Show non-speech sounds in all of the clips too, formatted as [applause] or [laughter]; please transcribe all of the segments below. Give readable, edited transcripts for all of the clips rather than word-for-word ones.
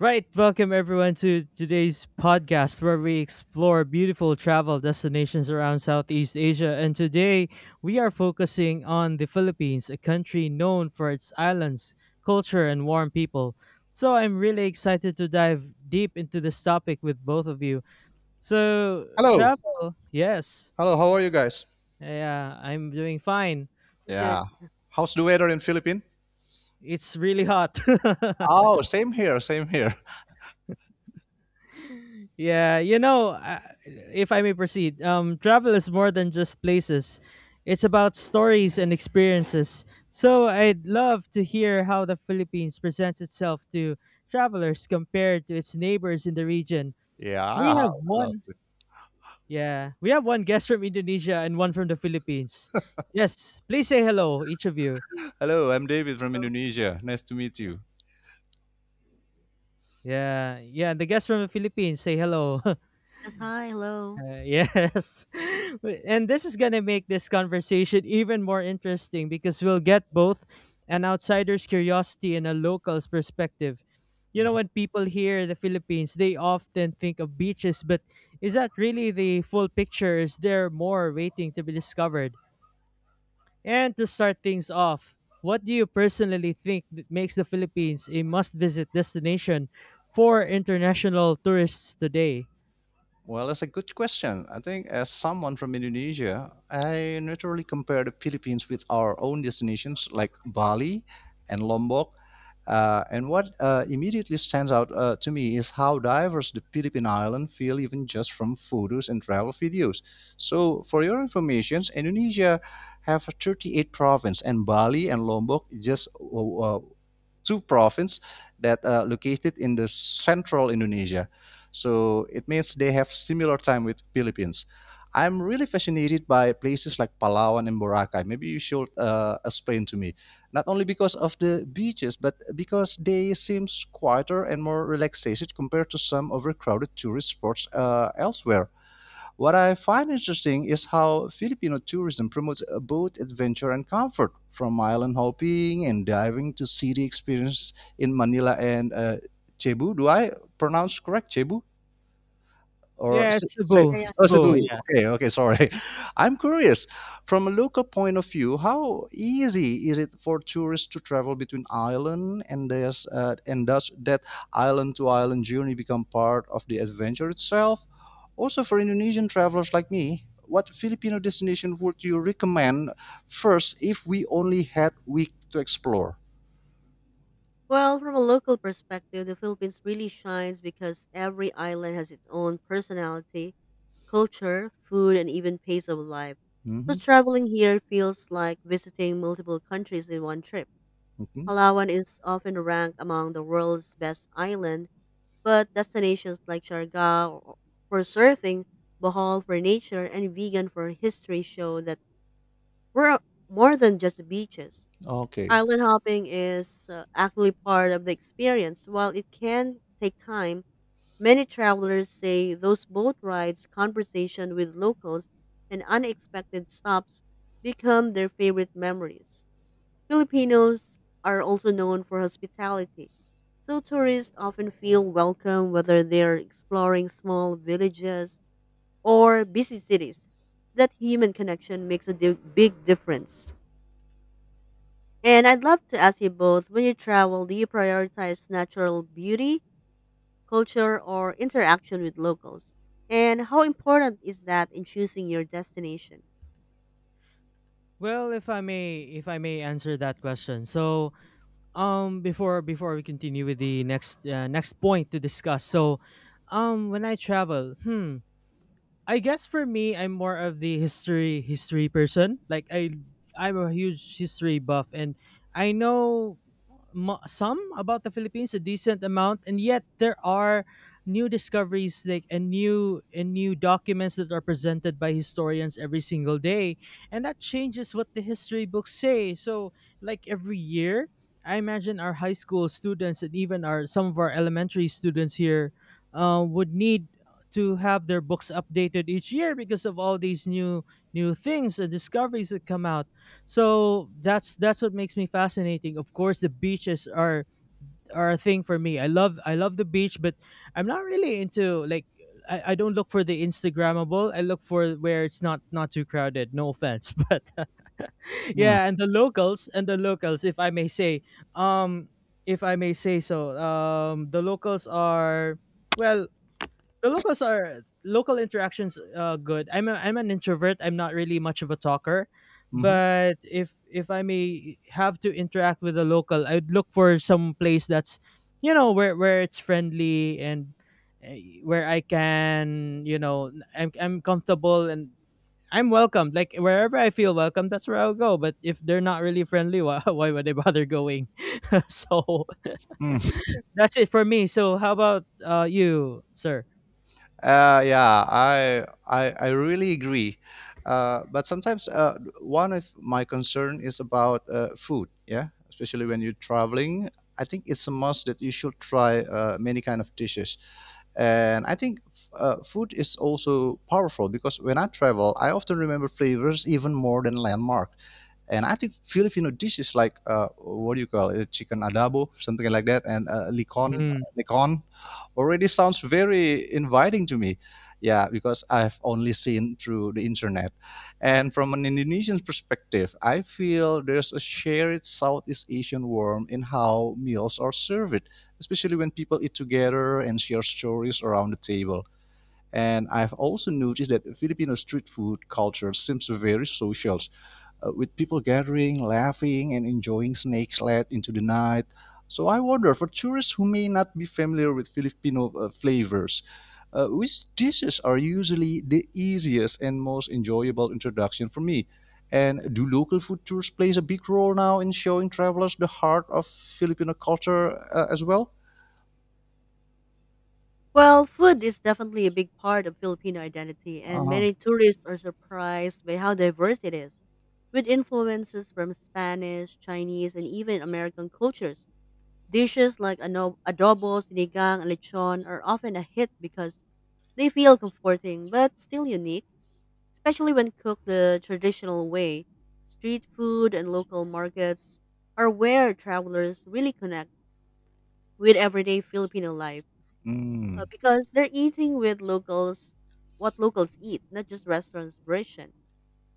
Right, welcome everyone to today's podcast where we explore beautiful travel destinations around Southeast Asia. And today we are focusing on the Philippines, a country known for its islands, culture, and warm people. So I'm really excited to dive deep into this topic with both of you. So, Hello. travel, yes, Hello, how are you guys? yeah, I'm doing fine. I'm good. Yeah. How's the weather in Philippines? It's really hot. [laughs] Oh, same here, same here. [laughs] Yeah, you know, uh, if I may proceed, travel is more than just places. It's about stories and experiences. So I'd love to hear how the Philippines presents itself to travelers compared to its neighbors in the region. Yeah, We I have love one. it. Yeah, we have one guest from Indonesia and one from the Philippines. Yes, please say hello, each of you. Hello, I'm David from So, Indonesia. Nice to meet you. Yeah, yeah, the guest from the Philippines, say hello. [laughs] yes, hi, hello. Yes. [laughs] And this is going to make this conversation even more interesting because we'll get both an outsider's curiosity and a local's perspective. You know, Mm-hmm. when people hear the Philippines, they often think of beaches, but is that really the full picture? Is there more waiting to be discovered? And to start things off, what do you personally think that makes the Philippines a must visit destination for international tourists today? Well, that's a good question. I think as someone from Indonesia, I naturally compare the Philippines with our own destinations like Bali and Lombok. And what immediately stands out to me is how diverse the Philippine island feel even just from photos and travel videos. So, for your information, Indonesia have 38 provinces, and Bali and Lombok just two provinces that are located in the central Indonesia. So it means they have similar time with Philippines. I'm really fascinated by places like Palawan and Boracay. Maybe you should explain to me, not only because of the beaches, but because they seems quieter and more relaxation compared to some overcrowded tourist spots elsewhere. What I find interesting is how Filipino tourism promotes both adventure and comfort, from island hopping and diving to city experience in Manila and Cebu. Do I pronounce correct Cebu? Or Yes, Se- Se- Cebu. Yeah, yeah. oh, Cebu, Cebu. Okay, okay, sorry. [laughs] I'm curious, from a local point of view, how easy is it for tourists to travel between island and does that island to island journey become part of the adventure itself? Also, for Indonesian travelers like me, what Filipino destination would you recommend first if we only had week to explore? Well, from a local perspective, the Philippines really shines because every island has its own personality, culture, food, and even pace of life. So Mm-hmm. traveling here feels like visiting multiple countries in one trip. Mm-hmm. Palawan is often ranked among the world's best island, but destinations like for surfing, Bohol for nature, and Vegan for history show that we're more than just beaches. Okay. Island hopping is actually part of the experience. While it can take time, many travelers say those boat rides, conversation with locals, and unexpected stops become their favorite memories. Filipinos are also known for hospitality, so tourists often feel welcome whether they're exploring small villages or busy cities. That human connection makes a big difference. And I'd love to ask you both, when you travel, do you prioritize natural beauty, culture, or interaction with locals? And how important is that in choosing your destination? well, if I may answer that question. Before we continue with the next next point to discuss. So, when I travel, I guess for me, I'm more of the history person. I'm a huge history buff, and I know some about the Philippines, a decent amount, and yet there are new discoveries, like and new documents that are presented by historians every single day, and that changes what the history books say. So, like every year. I imagine our high school students and even our some of our elementary students here would need to have their books updated each year because of all these new things and discoveries that come out. So that's what makes me fascinating. Of course, the beaches are a thing for me. I love the beach, but I'm not really into I don't look for the Instagrammable. I look for where it's not too crowded. No offense, [laughs] but yeah, and the locals, if I may say, um, if I may say so. The locals are well the locals are local interactions, good. I'm an introvert, I'm not really much of a talker, Mm-hmm. but if I may have to interact with a local, I'd look for some place that's, you know, where it's friendly, and uh, where I can, you know, I'm comfortable and I'm welcomed. Like wherever I feel welcome, that's where I'll go. But if they're not really friendly, [laughs] why would I bother going? [laughs] So that's it for me. So how about you, sir? Yeah, I really agree. But sometimes one of my concern is about food. Yeah, especially when you're traveling, I think it's a must that you should try many kind of dishes. And I think food is also powerful because when I travel, I often remember flavors even more than landmark. And I think Filipino dishes like what do you call it, chicken adobo, something like that, and Mhm. licon, already sounds very inviting to me. Yeah, because I've only seen through the internet. And from an Indonesian perspective, I feel there's a shared Southeast Asian warmth in how meals are served, especially when people eat together and share stories around the table. And I've also noticed that Filipino street food culture seems very social with people gathering, laughing, and enjoying snakes late into the night. So I wonder, for tourists who may not be familiar with Filipino flavors, which dishes are usually the easiest and most enjoyable introduction for me? And do local food tours plays a big role now in showing travelers the heart of Filipino culture as well? Well, food is definitely a big part of Filipino identity, and Uh-huh. many tourists are surprised by how diverse it is, with influences from Spanish, Chinese, and even American cultures. Dishes like adobo, sinigang, and lechon are often a hit because they feel comforting but still unique, especially when cooked the traditional way. Street food and local markets are where travelers really connect with everyday Filipino life, Mm, because they're eating with locals what locals eat, not just restaurants' version.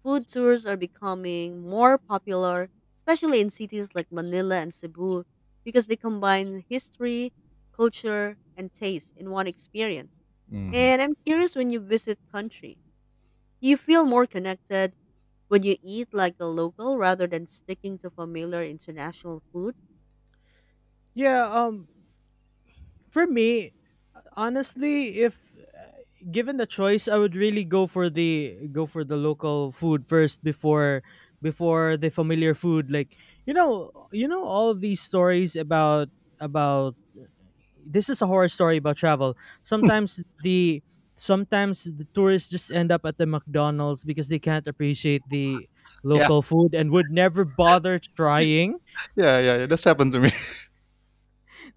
Food tours are becoming more popular, especially in cities like Manila and Cebu, because they combine history, culture, and taste in one experience. mhm. And I'm curious, when you visit country, you feel more connected when you eat like a local rather than sticking to familiar international food. Yeah, um For me, honestly, if given the choice, I would really go for the local food first before the familiar food. You know all of these stories about this is a horror story about travel. Sometimes the sometimes the tourists just end up at the McDonald's because they can't appreciate the Yeah, local food and would never bother trying. yeah, yeah, yeah. That's happened to me.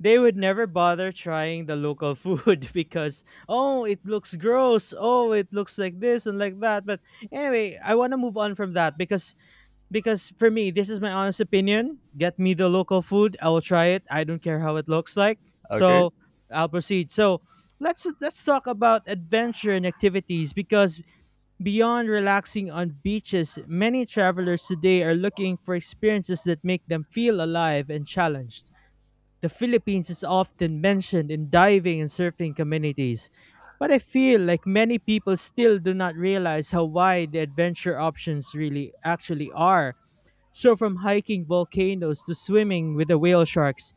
They would never bother trying the local food [laughs] because oh, it looks gross, oh, it looks like this and like that. But anyway, I want to move on from that, because for me, this is my honest opinion: get me the local food, I will try it, I don't care how it looks like. [laughs] Okay. So I'll proceed. So let's talk about adventure and activities, because beyond relaxing on beaches, many travelers today are looking for experiences that make them feel alive and challenged. The Philippines is often mentioned in diving and surfing communities, but I feel like many people still do not realize how wide the adventure options really actually are. So, from hiking volcanoes to swimming with the whale sharks,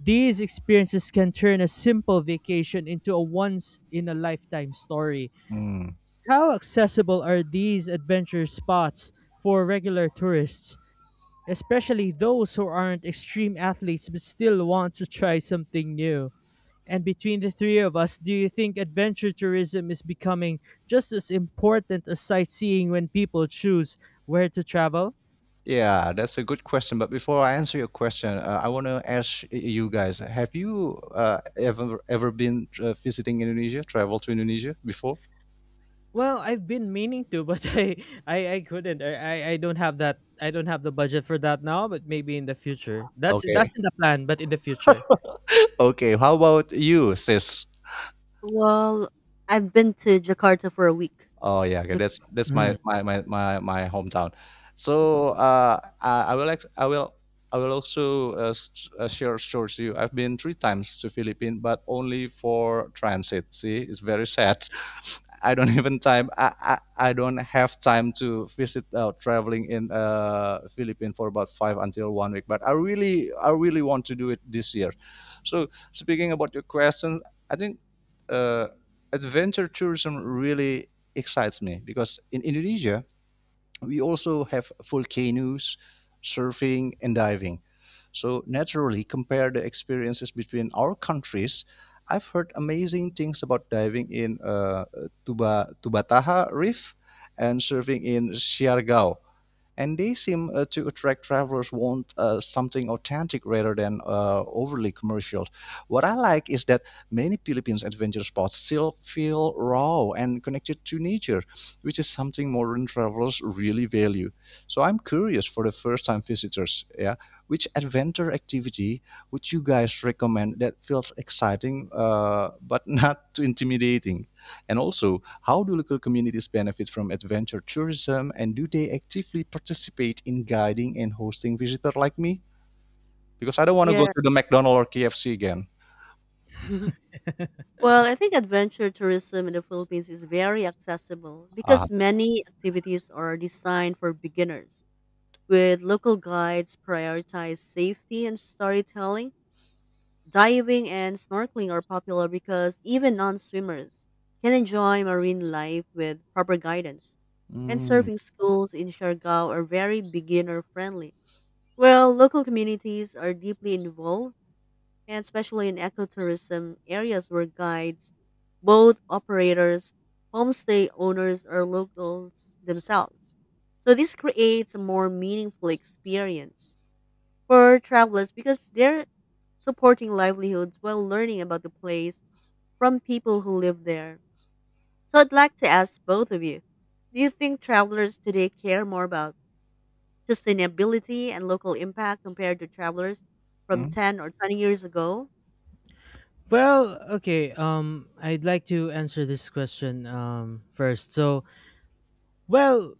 these experiences can turn a simple vacation into a once in a lifetime story. Mm. How accessible are these adventure spots for regular tourists, especially those who aren't extreme athletes but still want to try something new? And between the three of us, do you think adventure tourism is becoming just as important as sightseeing when people choose where to travel? Yeah, that's a good question. But before I answer your question, I want to ask you guys: Have you ever been visiting Indonesia, traveled to Indonesia before? Well, I've been meaning to, but [laughs] I couldn't. I don't have that. I don't have the budget for that now. But maybe in the future. That's Okay, in the plan, but in the future. [laughs] okay. How about you, sis? Well, I've been to Jakarta for a week. Oh yeah, okay. Jakarta. That's Mm. my hometown. Okay. So I will ex- I will also share stories to you. I've been three times to Philippines, but only for transit. See, it's very sad. [laughs] I don't even time. I don't have time to visit traveling in Philippines for about five until one week. But I really want to do it this year. So speaking about your question, I think uh, adventure tourism really excites me because in Indonesia, we also have volcanoes, surfing, and diving. So, naturally, compare the experiences between our countries. I've heard amazing things about diving in Tubataha Reef and surfing in Siargao and they seem to attract travelers who want something authentic rather than overly commercial. What I like is that many Philippines adventure spots still feel raw and connected to nature, which is something modern travelers really value. So I'm curious for the first-time visitors, yeah, which adventure activity would you guys recommend that feels exciting but [laughs] not too intimidating? And also, how do local communities benefit from adventure tourism and do they actively participate in guiding and hosting visitors like me? Because I don't want to Yeah. go to the McDonald's or KFC again. Mhm. Well, I think adventure tourism in the Philippines is very accessible Ah. because many activities are designed for beginners, with local guides prioritize safety and storytelling. Diving and snorkeling are popular because even non swimmers can enjoy marine life with proper guidance. And Hmm. surfing schools in Siargao are very beginner friendly. Well, local communities are deeply involved, and especially in ecotourism areas where guides, boat operators, homestay owners are locals themselves. So this creates a more meaningful experience for travelers because they're supporting livelihoods while learning about the place from people who live there. So I'd like to ask both of you, do you think travelers today care more about sustainability and local impact compared to travelers from Hum, 10 or 20 years ago? Well, okay. I'd like to answer this question first. So, well,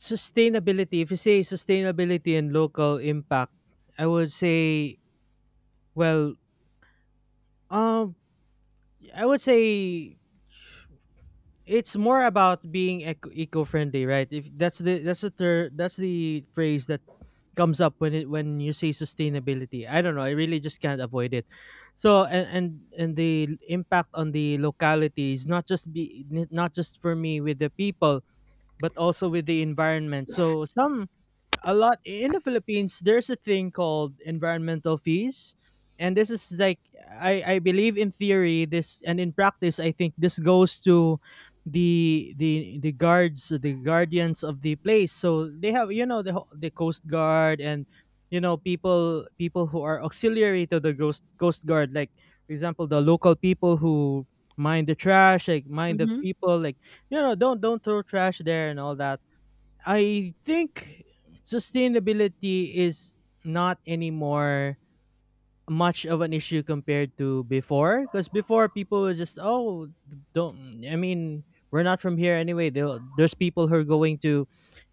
sustainability, if you say sustainability and local impact, I would say, well, um, I would say it's more about being eco-friendly, right? If that's the that's the that's the phrase that comes up when you say sustainability. I don't know, I really just can't avoid it. So and the impact on the locality is not just be not just for me with the people, but also with the environment. So some a lot in the Philippines, there's a thing called environmental fees, and this is like, I believe in theory this, and in practice I think this goes to the guards, the guardians of the place. So they have, you know, the the coast guard, and you know, people who are auxiliary to the ghost coast guard, like for example the local people who mind the trash, like mind the Hmm. people, like you know, don't throw trash there and all that. I think sustainability is not anymore much of an issue compared to before, because before people were just, oh, don't, I mean, we're not from here anyway. They'll, there's people who are going to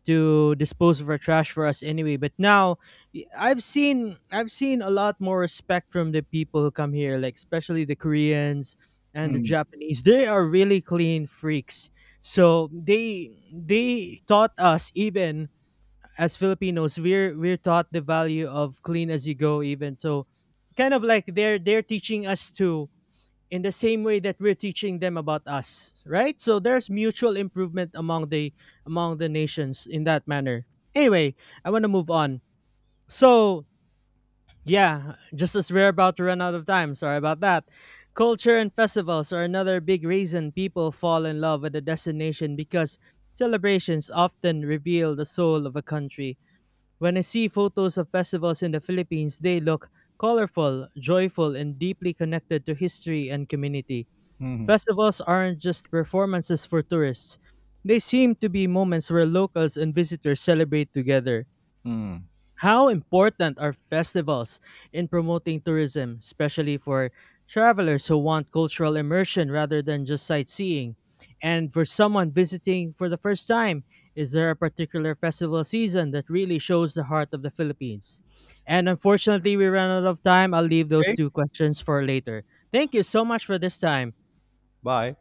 dispose of our trash for us anyway. But now, I've seen a lot more respect from the people who come here, like especially the Koreans and the hum, Japanese, they are really clean freaks. So they taught us, even as Filipinos, we're taught the value of clean as you go, even. So kind of like they're teaching us to, in the same way that we're teaching them about us, right? So there's mutual improvement among the nations in that manner. Anyway, I want to move on. So yeah, just as we're about to run out of time, sorry about that. Culture and festivals are another big reason people fall in love with a destination, because celebrations often reveal the soul of a country. When I see photos of festivals in the Philippines, they look colorful, joyful, and deeply connected to history and community. uhum, Festivals aren't just performances for tourists, they seem to be moments where locals and visitors celebrate together. hum. How important are festivals in promoting tourism, especially for travelers who want cultural immersion rather than just sightseeing? And for someone visiting for the first time, is there a particular festival season that really shows the heart of the Philippines? And unfortunately, we ran out of time. I'll leave those Ok? two questions for later. Thank you so much for this time. Bye.